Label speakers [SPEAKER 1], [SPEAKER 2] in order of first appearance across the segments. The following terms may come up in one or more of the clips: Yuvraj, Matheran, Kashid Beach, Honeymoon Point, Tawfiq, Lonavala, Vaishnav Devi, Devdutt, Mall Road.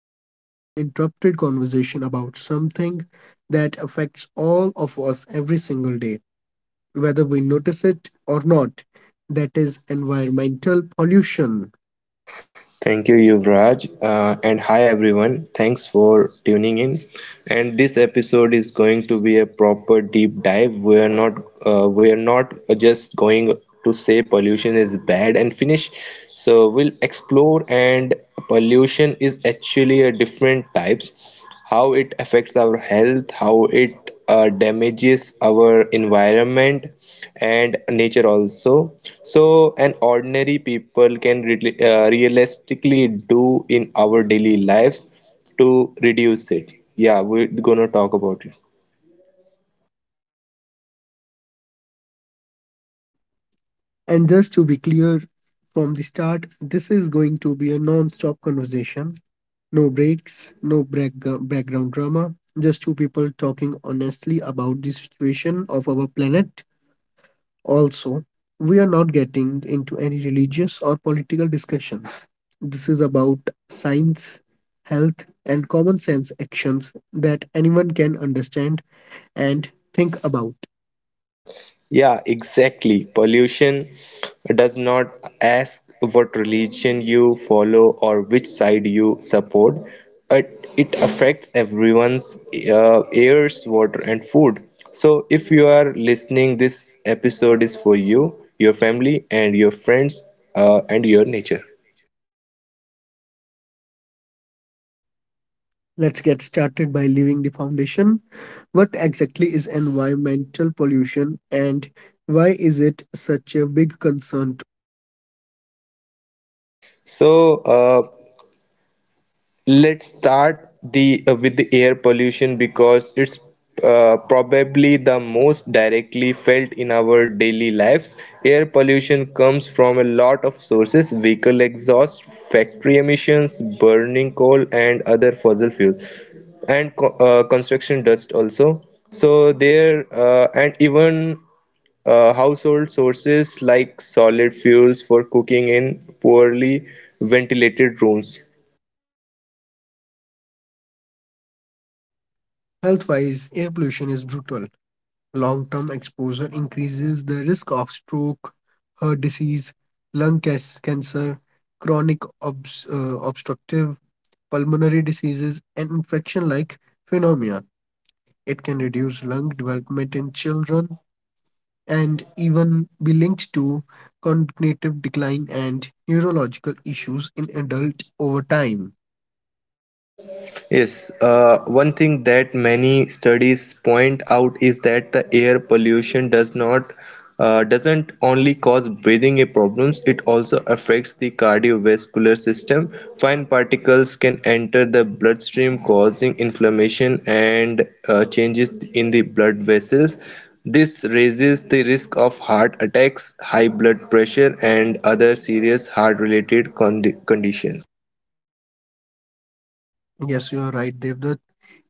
[SPEAKER 1] long, uninterrupted conversation about something that affects all of us every single day, whether we notice it or not. That is environmental pollution.
[SPEAKER 2] Thank you, Yuvraj. And hi, everyone. Thanks for tuning in. And this episode is going to be a proper deep dive. We are not just going to say pollution is bad and finish. So we'll explore and pollution is actually a different types, how it affects our health, how it damages our environment and nature also. So an ordinary people can really, realistically do in our daily lives to reduce it. Yeah, we're gonna talk about it.
[SPEAKER 1] And just to be clear from the start, this is going to be a non stop conversation. No breaks, no background drama, just two people talking honestly about the situation of our planet. Also, we are not getting into any religious or political discussions. This is about science, health, and common sense actions that anyone can understand and think about.
[SPEAKER 2] Yeah, exactly. Pollution does not ask what religion you follow or which side you support, but it affects everyone's airs, water, and food. So, if you are listening, this episode is for you, your family, and your friends, and your nature.
[SPEAKER 1] Let's get started by leaving the foundation. What exactly is environmental pollution and why is it such a big concern?
[SPEAKER 2] So, uh, Let's start the with the air pollution because it's probably the most directly felt in our daily lives. Air pollution comes from a lot of sources: vehicle exhaust, factory emissions, burning coal, and other fossil fuels, and construction dust also. So there and even household sources like solid fuels for cooking in poorly ventilated rooms.
[SPEAKER 1] Health-wise, air pollution is brutal. Long-term exposure increases the risk of stroke, heart disease, lung cancer, chronic obstructive pulmonary diseases, and infection-like phenomena. It can reduce lung development in children and even be linked to cognitive decline and neurological issues in adult over time.
[SPEAKER 2] Yes, one thing that many studies point out is that the air pollution doesn't only cause breathing problems, it also affects the cardiovascular system. Fine particles can enter the bloodstream, causing inflammation and changes in the blood vessels. This raises the risk of heart attacks, high blood pressure, and other serious heart-related conditions.
[SPEAKER 1] Yes, you are right, Devdutt.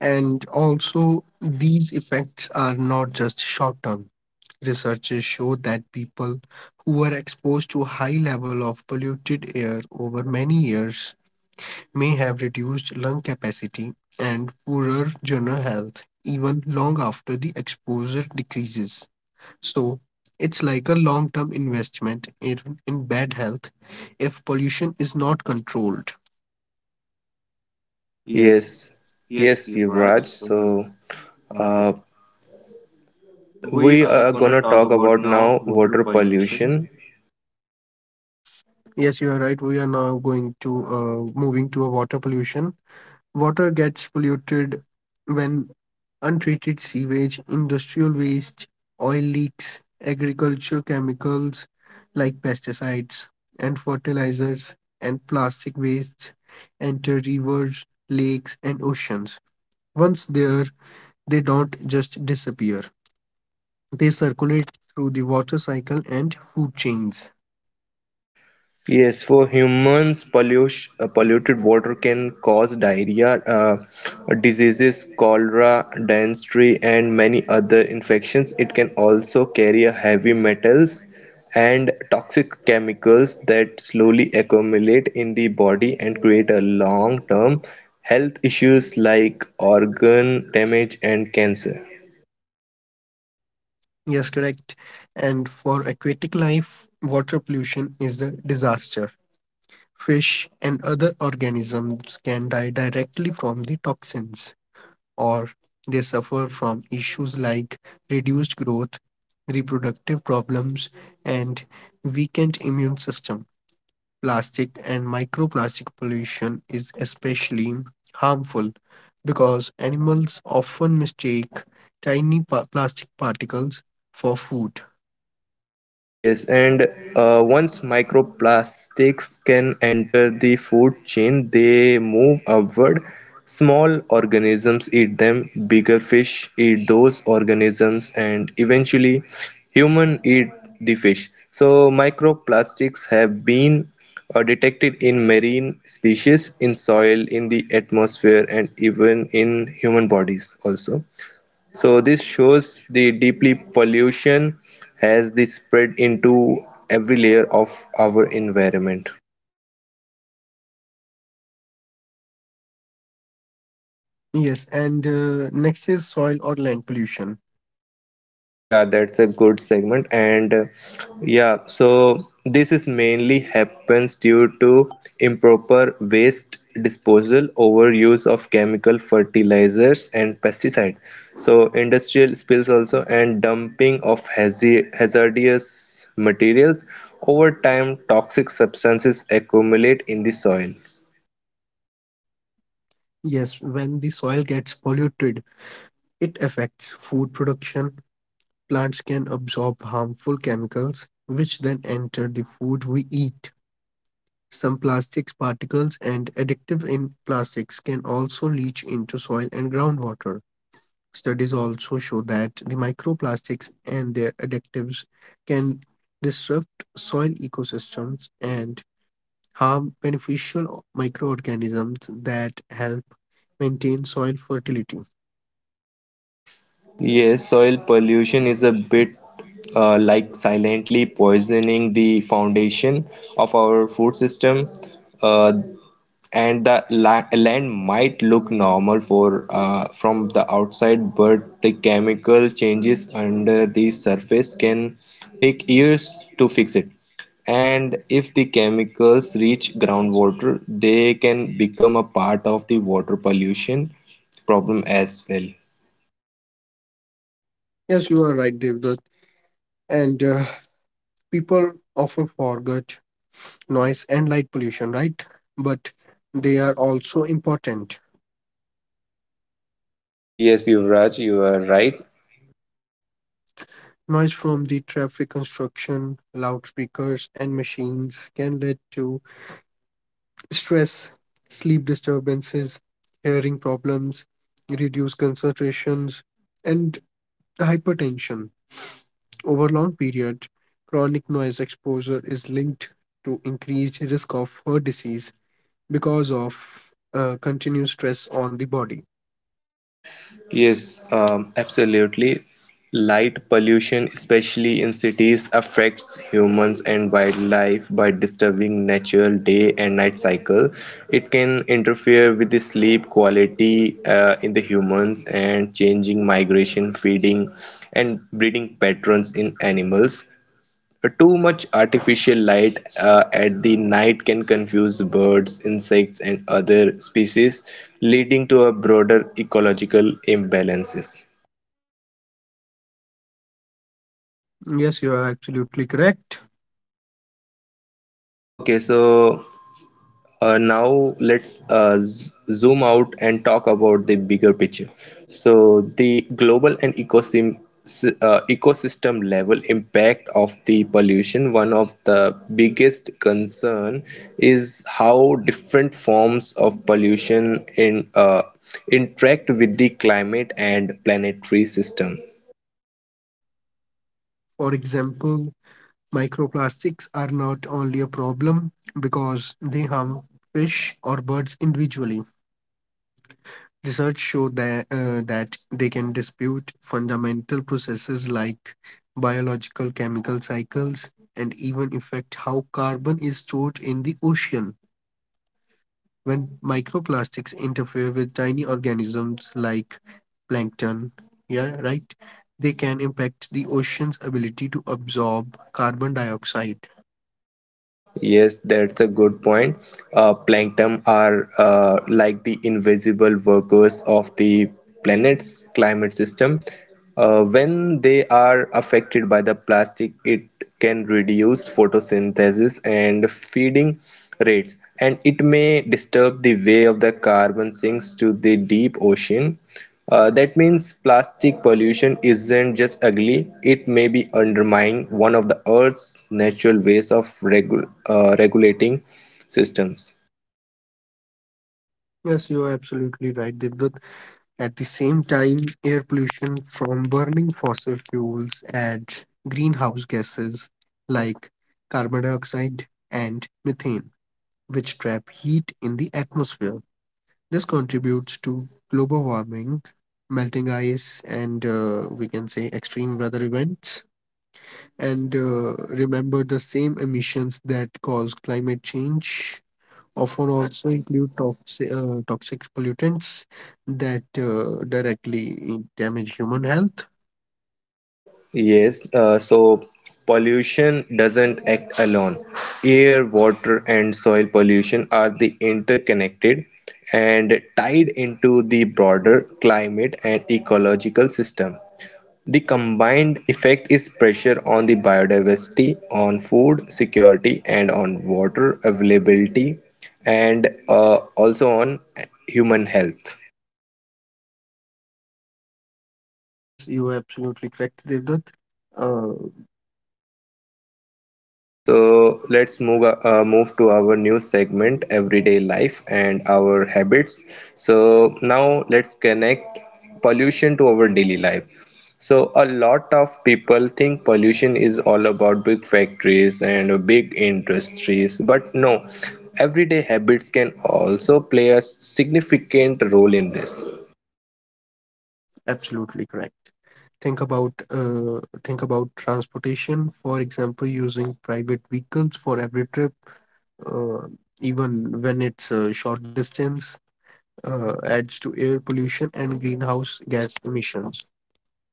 [SPEAKER 1] And also, these effects are not just short term. Researchers show that people who are exposed to high level of polluted air over many years may have reduced lung capacity and poorer general health even long after the exposure decreases. So, it's like a long term investment in bad health if pollution is not controlled. Yes,
[SPEAKER 2] Yes,
[SPEAKER 1] yes,
[SPEAKER 2] yes,
[SPEAKER 1] Yuvraj.
[SPEAKER 2] Yuvraj.
[SPEAKER 1] So, uh,
[SPEAKER 2] Uh,
[SPEAKER 1] we
[SPEAKER 2] we
[SPEAKER 1] are
[SPEAKER 2] are
[SPEAKER 1] gonna
[SPEAKER 2] gonna
[SPEAKER 1] talk
[SPEAKER 2] talk
[SPEAKER 1] about
[SPEAKER 2] about
[SPEAKER 1] now
[SPEAKER 2] now
[SPEAKER 1] water
[SPEAKER 2] water
[SPEAKER 1] pollution.
[SPEAKER 2] pollution.
[SPEAKER 1] Yes, you are right. We are now going to moving to a water pollution. Water gets polluted when untreated sewage, industrial waste, oil leaks, agriculture chemicals like pesticides and fertilizers and plastic waste enter rivers, lakes, and oceans. Once there, they don't just disappear. They circulate through the water cycle and food chains.
[SPEAKER 2] Yes, for humans, polluted water can cause diarrhea, diseases, cholera, dysentery, and many other infections. It can also carry a heavy metals and toxic chemicals that slowly accumulate in the body and create a long-term health issues like organ damage and cancer.
[SPEAKER 1] Yes, correct. And for aquatic life, water pollution is a disaster. Fish and other organisms can die directly from the toxins, or they suffer from issues like reduced growth, reproductive problems, and weakened immune system. Plastic and microplastic pollution is especially harmful because animals often mistake tiny plastic particles for food.
[SPEAKER 2] Yes, and once microplastics can enter the food chain, they move upward. Small organisms eat them, bigger fish eat those organisms, and eventually human eat the fish. So microplastics have been detected in marine species, in soil, in the atmosphere, and even in human bodies also. So this shows the deeply pollution has the spread into every layer of our environment.
[SPEAKER 1] Yes, and next is soil or land pollution.
[SPEAKER 2] Yeah, that's a good segment. So this is mainly happens due to improper waste disposal, overuse of chemical fertilizers and pesticide. So industrial spills also and dumping of hazardous materials. Over time, toxic substances accumulate in the soil.
[SPEAKER 1] Yes, when the soil gets polluted, it affects food production. Plants can absorb harmful chemicals, which then enter the food we eat. Some plastics particles and addictive in plastics can also leach into soil and groundwater. Studies also show that the microplastics and their additives can disrupt soil ecosystems and harm beneficial microorganisms that help maintain soil fertility.
[SPEAKER 2] Yes, soil pollution is a bit like silently poisoning the foundation of our food system, uh, and the la land might look normal for from the outside, but the chemical changes under the surface can take years to fix it. And if the chemicals reach groundwater, they can become a part of the water pollution problem as well.
[SPEAKER 1] Yes, you are right, Devdutt. And people often forget noise and light pollution, right? But they are also important.
[SPEAKER 2] Yes, Yuvraj, you are right.
[SPEAKER 1] Noise from the traffic construction, loudspeakers, and machines can lead to stress, sleep disturbances, hearing problems, reduced concentrations, and hypertension. Over long period, chronic noise exposure is linked to increased risk of heart disease because of continuous stress on the body.
[SPEAKER 2] Yes, absolutely. Light pollution, especially in cities, affects humans and wildlife by disturbing natural day and night cycle. It can interfere with the sleep quality in the humans and changing migration, feeding, and breeding patterns in animals. Too much artificial light at the night can confuse birds, insects, and other species, leading to a broader ecological imbalances.
[SPEAKER 1] Yes, you are absolutely correct.
[SPEAKER 2] Okay, so now let's zoom out and talk about the bigger picture, so the global and ecosystem level impact of the pollution. One of the biggest concern is how different forms of pollution in interact with the climate and planetary system.
[SPEAKER 1] For example, microplastics are not only a problem because they harm fish or birds individually. Research show that they can dispute fundamental processes like biological chemical cycles and even affect how carbon is stored in the ocean. When microplastics interfere with tiny organisms like plankton, yeah, right, they can impact the ocean's ability to absorb carbon dioxide.
[SPEAKER 2] Yes, that's a good point. Plankton are like the invisible workers of the planet's climate system. When they are affected by the plastic, it can reduce photosynthesis and feeding rates, and it may disturb the way of the carbon sinks to the deep ocean. That means plastic pollution isn't just ugly, it may be undermining one of the Earth's natural ways of regulating systems.
[SPEAKER 1] Yes, you are absolutely right, Devdutt. At the same time, air pollution from burning fossil fuels adds greenhouse gases like carbon dioxide and methane, which trap heat in the atmosphere. This contributes to global warming, melting ice, and we can say extreme weather events. And remember, the same emissions that cause climate change often also include toxic pollutants that directly damage human health.
[SPEAKER 2] Yes, so pollution doesn't act alone. Air, water, and soil pollution are the interconnected and tied into the broader climate and ecological system. The combined effect is pressure on the biodiversity, on food security and on water availability and also on human health.
[SPEAKER 1] Yes, you are absolutely correct, Devdutt. Uh,
[SPEAKER 2] So let's move to our new segment, everyday life and our habits. So now let's connect pollution to our daily life. So a lot of people think pollution is all about big factories and big industries, but no, everyday habits can also play a significant role in this.
[SPEAKER 1] absolutely correct. Think about transportation. For example, using private vehicles for every trip, uh, even when it's a short distance, adds to air pollution and greenhouse gas emissions.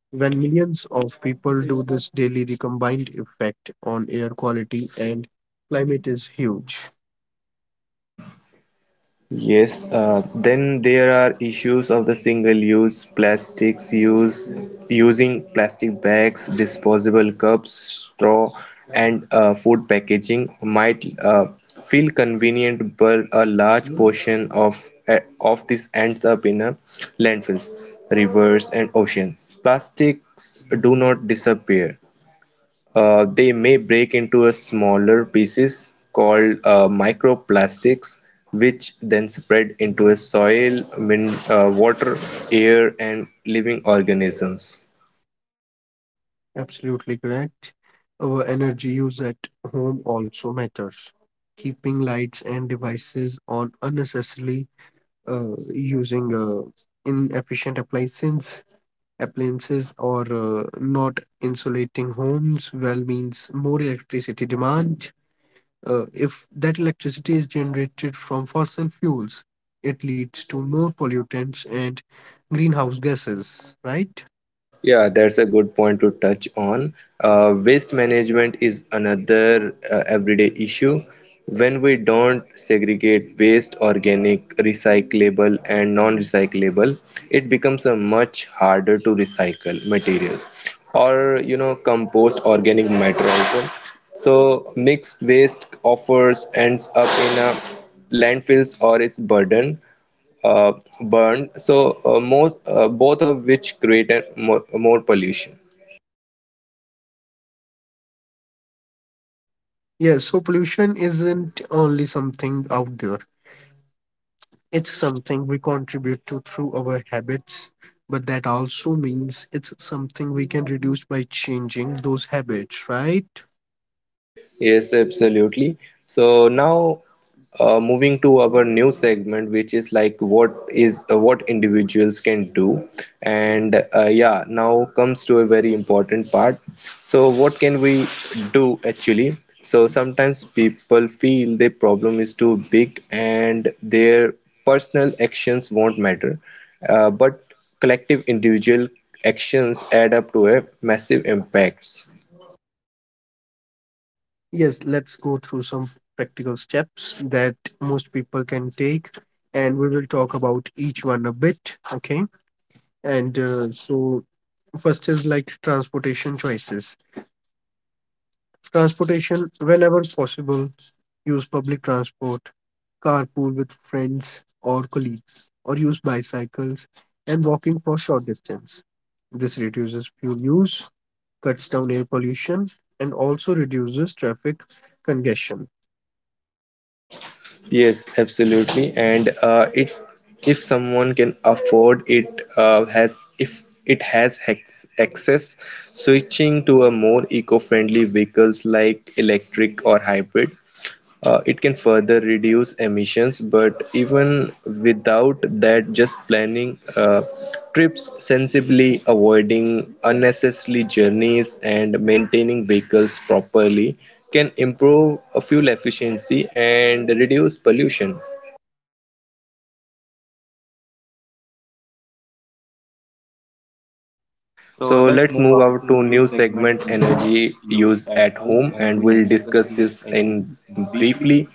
[SPEAKER 1] When millions of people do this daily, the combined effect on air quality and climate is huge.
[SPEAKER 2] Yes, then there are issues of the single-use plastics use using plastic bags, disposable cups, straw, and food packaging might feel convenient, but a large portion of this ends up in a landfills, rivers, and ocean. Plastics do not disappear; they may break into a smaller pieces called microplastics, which then spread into a soil, water, air, and living organisms.
[SPEAKER 1] Absolutely correct. Our energy use at home also matters. Keeping lights and devices on unnecessarily using inefficient appliances or not insulating homes well means more electricity demand. If that electricity is generated from fossil fuels, it leads to more pollutants and greenhouse gases, right?
[SPEAKER 2] Yeah, that's a good point to touch on. Waste management is another everyday issue. When we don't segregate waste, organic, recyclable, and non recyclable, it becomes a much harder to recycle materials or you know compost organic matter also. So mixed waste offers ends up in a landfills or its burden uh, burned, so most both of which create a more pollution.
[SPEAKER 1] Yes, so pollution isn't only something out there, it's something we contribute to through our habits, but that also means it's something we can reduce by changing those habits, right?
[SPEAKER 2] Yes, absolutely. So now moving to our new segment, which is like what individuals can do, and yeah, now comes to a very important part. So what can we do actually? So sometimes people feel their problem is too big and their personal actions won't matter, but collective individual actions add up to a massive impacts.
[SPEAKER 1] Yes, let's go through some practical steps that most people can take, and we will talk about each one a bit, okay? And uh, so, First is like transportation choices. Transportation, whenever possible, use public transport, carpool with friends or colleagues, or use bicycles and walking for short distance. This reduces fuel use, cuts down air pollution, and also reduces traffic congestion.
[SPEAKER 2] Yes, absolutely. And it if someone can afford it, has if it has hex access, switching to a more eco-friendly vehicles like electric or hybrid, it can further reduce emissions, but even without that, just planning trips sensibly, avoiding unnecessary journeys, and maintaining vehicles properly can improve fuel efficiency and reduce pollution.
[SPEAKER 1] So
[SPEAKER 2] So
[SPEAKER 1] let's
[SPEAKER 2] let's
[SPEAKER 1] move
[SPEAKER 2] move
[SPEAKER 1] on
[SPEAKER 2] out
[SPEAKER 1] to a
[SPEAKER 2] to
[SPEAKER 1] new
[SPEAKER 2] new
[SPEAKER 1] segment
[SPEAKER 2] segment
[SPEAKER 1] on
[SPEAKER 2] energy
[SPEAKER 1] use
[SPEAKER 2] use
[SPEAKER 1] at
[SPEAKER 2] at
[SPEAKER 1] home,
[SPEAKER 2] home,
[SPEAKER 1] and
[SPEAKER 2] and
[SPEAKER 1] we'll
[SPEAKER 2] we'll
[SPEAKER 1] discuss
[SPEAKER 2] discuss
[SPEAKER 1] this
[SPEAKER 2] this
[SPEAKER 1] in
[SPEAKER 2] in
[SPEAKER 1] briefly.
[SPEAKER 2] briefly.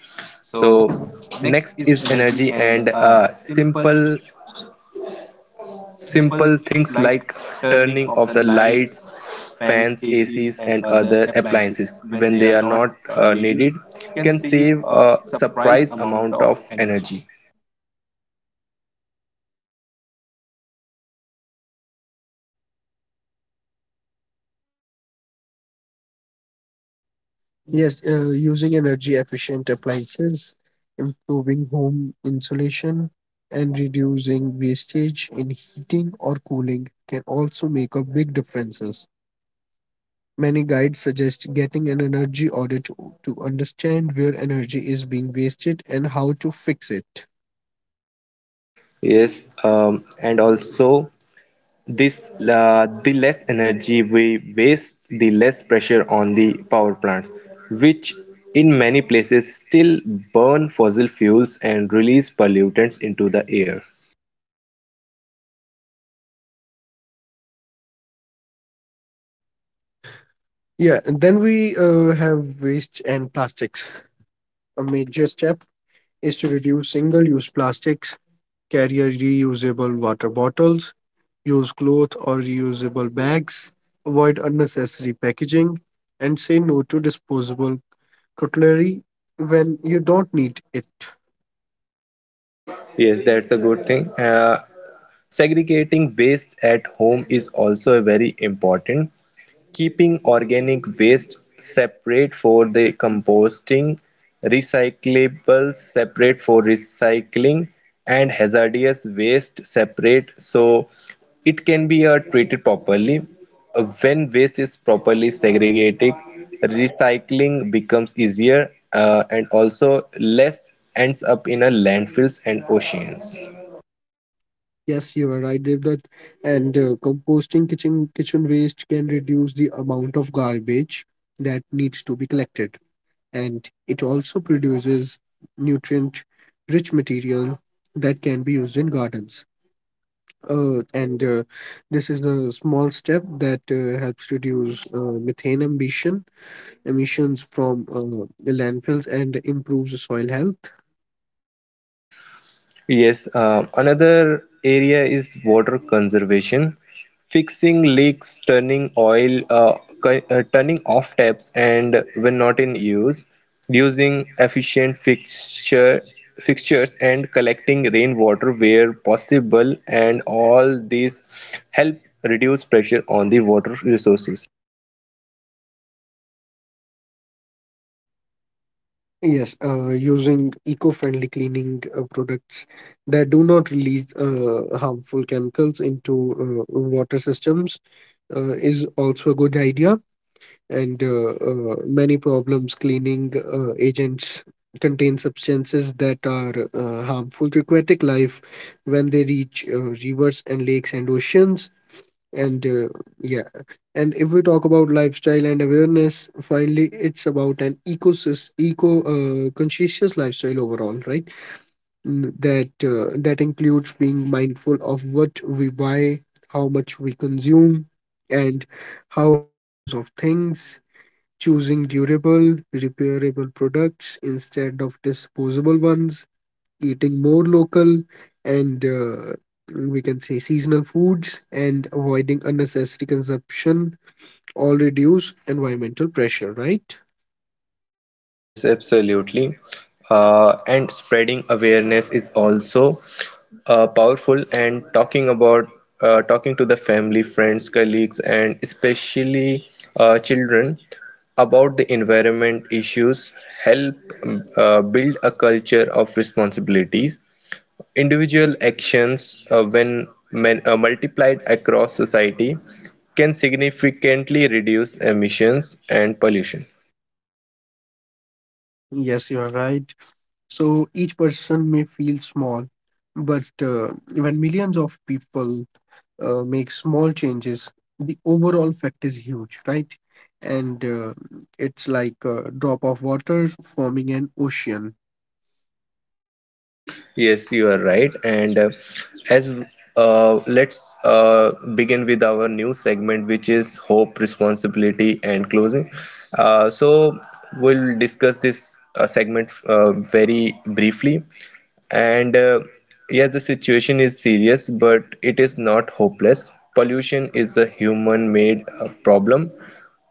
[SPEAKER 2] So
[SPEAKER 1] So next
[SPEAKER 2] next
[SPEAKER 1] is
[SPEAKER 2] is
[SPEAKER 1] energy
[SPEAKER 2] energy
[SPEAKER 1] and
[SPEAKER 2] and uh,
[SPEAKER 1] simple
[SPEAKER 2] simple
[SPEAKER 1] simple
[SPEAKER 2] Simple
[SPEAKER 1] things
[SPEAKER 2] things
[SPEAKER 1] like
[SPEAKER 2] like
[SPEAKER 1] turning
[SPEAKER 2] turning
[SPEAKER 1] off
[SPEAKER 2] off
[SPEAKER 1] the
[SPEAKER 2] the
[SPEAKER 1] lights,
[SPEAKER 2] lights,
[SPEAKER 1] fans,
[SPEAKER 2] fans,
[SPEAKER 1] ACs,
[SPEAKER 2] ACs,
[SPEAKER 1] and
[SPEAKER 2] and
[SPEAKER 1] other
[SPEAKER 2] other
[SPEAKER 1] appliances
[SPEAKER 2] appliances
[SPEAKER 1] when
[SPEAKER 2] when
[SPEAKER 1] they
[SPEAKER 2] they
[SPEAKER 1] are
[SPEAKER 2] are
[SPEAKER 1] not
[SPEAKER 2] not
[SPEAKER 1] needed
[SPEAKER 2] needed
[SPEAKER 1] can
[SPEAKER 2] can
[SPEAKER 1] save
[SPEAKER 2] save
[SPEAKER 1] a
[SPEAKER 2] a
[SPEAKER 1] surprise
[SPEAKER 2] surprise
[SPEAKER 1] amount
[SPEAKER 2] amount
[SPEAKER 1] of
[SPEAKER 2] of
[SPEAKER 1] energy.
[SPEAKER 2] energy.
[SPEAKER 1] Yes, using energy efficient appliances, improving home insulation, and reducing wastage in heating or cooling can also make a big difference. Many guides suggest getting an energy audit to understand where energy is being wasted and how to fix it.
[SPEAKER 2] Yes, and also this the less energy we waste, the less pressure on the power plants, which in many places still burn fossil fuels and release pollutants into the air.
[SPEAKER 1] Yeah, and then we have waste and plastics. A major step is to reduce single use plastics, carry a reusable water bottles, use cloth or reusable bags, avoid unnecessary packaging, and say no to disposable cutlery when you don't need it.
[SPEAKER 2] Yes, that's a good thing. Segregating waste at home is also very important. Keeping organic waste separate for the composting, recyclables separate for recycling, and hazardous waste separate so it can be treated properly. When waste is properly segregated, recycling becomes easier and also less ends up in a landfills and oceans.
[SPEAKER 1] Yes, you are right, Devdutt. And composting kitchen waste can reduce the amount of garbage that needs to be collected, and it also produces nutrient-rich material that can be used in gardens. And This is a small step that helps reduce uh, methane emissions from the landfills and improves the soil health.
[SPEAKER 2] Yes, another area is water conservation, fixing leaks, turning off taps, and when not in use, using efficient fixtures and collecting rainwater where possible, and all these help reduce pressure on the water resources.
[SPEAKER 1] Yes, using eco-friendly cleaning products that do not release harmful chemicals into water systems is also a good idea. And Many problems cleaning agents contain substances that are harmful to aquatic life when they reach rivers and lakes and oceans. And uh, yeah and if we talk about lifestyle and awareness, finally it's about an ecosys eco conscientious lifestyle overall, right? That includes being mindful of what we buy, how much we consume, and how we dispose of things, choosing durable repairable products instead of disposable ones, eating more local and we can say seasonal foods, and avoiding unnecessary consumption all reduce environmental pressure, right?
[SPEAKER 2] Yes, absolutely. And spreading awareness is also powerful. And talking to the family, friends, colleagues, and especially children about the environment issues help build a culture of responsibilities. Individual actions, when multiplied across society, can significantly reduce emissions and pollution.
[SPEAKER 1] Yes, you are right. So each person may feel small, but when millions of people make small changes, the overall effect is huge, right? And it's like a drop of water forming an ocean.
[SPEAKER 2] Yes, you are right. And as let's begin with our new segment, which is hope, responsibility, and closing. So we'll discuss this segment very briefly. And yes, the situation is serious, but it is not hopeless. Pollution is a human-made problem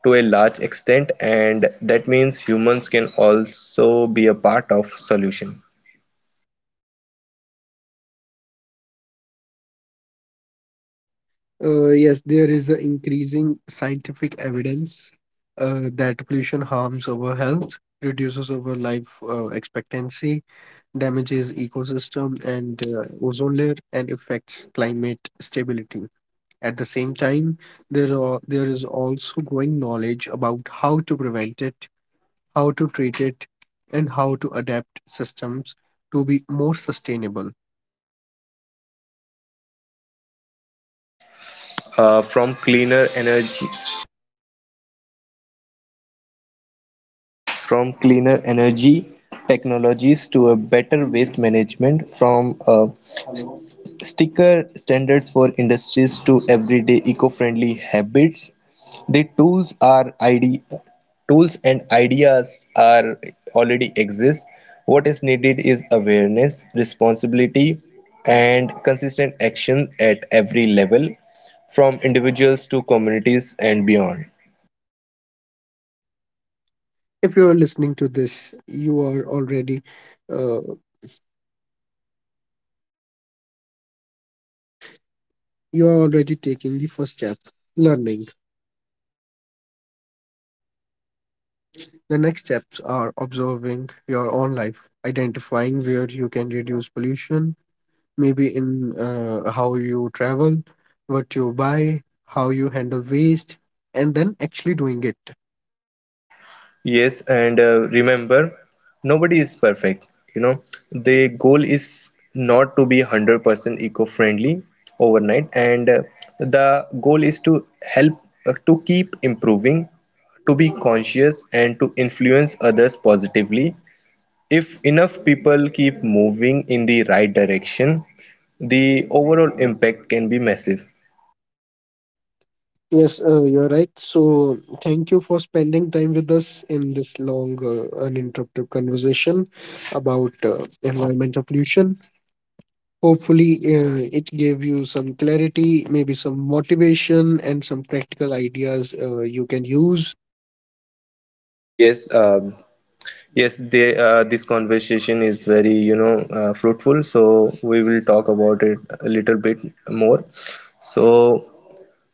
[SPEAKER 2] to a large extent, and that means humans can also be a part of solution.
[SPEAKER 1] Yes, there is a increasing scientific evidence that pollution harms our health, reduces our life expectancy, damages ecosystem and ozone layer, and affects climate stability. At the same time, there is also growing knowledge about how to prevent it, how to treat it, and how to adapt systems to be more sustainable.
[SPEAKER 2] uh, from cleaner energy from cleaner energy technologies to a better waste management, from s- sticker standards for industries to everyday eco-friendly habits, the tools and ideas are already exist. What is needed is awareness, responsibility, and consistent action at every level, from individuals to communities and beyond.
[SPEAKER 1] If you are listening to this, you are already. Uh, You are already taking the first step, learning. The next steps are observing your own life, identifying where you can reduce pollution, maybe in how you travel, what you buy, how you handle waste, and then actually doing it.
[SPEAKER 2] Yes, and remember, nobody is perfect. You know, the goal is not to be 100% eco-friendly overnight, and the goal is to help to keep improving, to be conscious, and to influence others positively. If enough people keep moving in the right direction, the overall impact can be massive.
[SPEAKER 1] Yes, you're right. So, thank you for spending time with us in this long, uninterrupted conversation about environmental pollution. Hopefully, it gave you some clarity, maybe some motivation, and some practical ideas you can use.
[SPEAKER 2] Yes, um this conversation is very, you know, fruitful. So we will talk about it a little bit more. So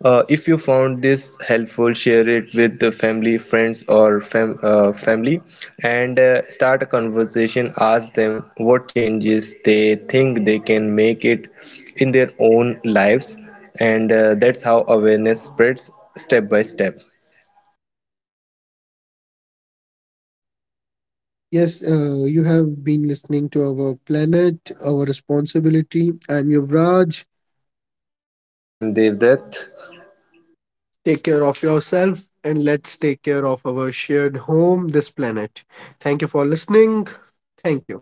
[SPEAKER 2] if you found this helpful, share it with the family, friends, or family, and start a conversation. Ask them what changes they think they can make it in their own lives, and that's how awareness spreads step by step.
[SPEAKER 1] Yes, you have been listening to our planet, our responsibility. I'm Yuvraj.
[SPEAKER 2] And Devdutt.
[SPEAKER 1] Take care of yourself and let's take care of our shared home, this planet. Thank you for listening. Thank you.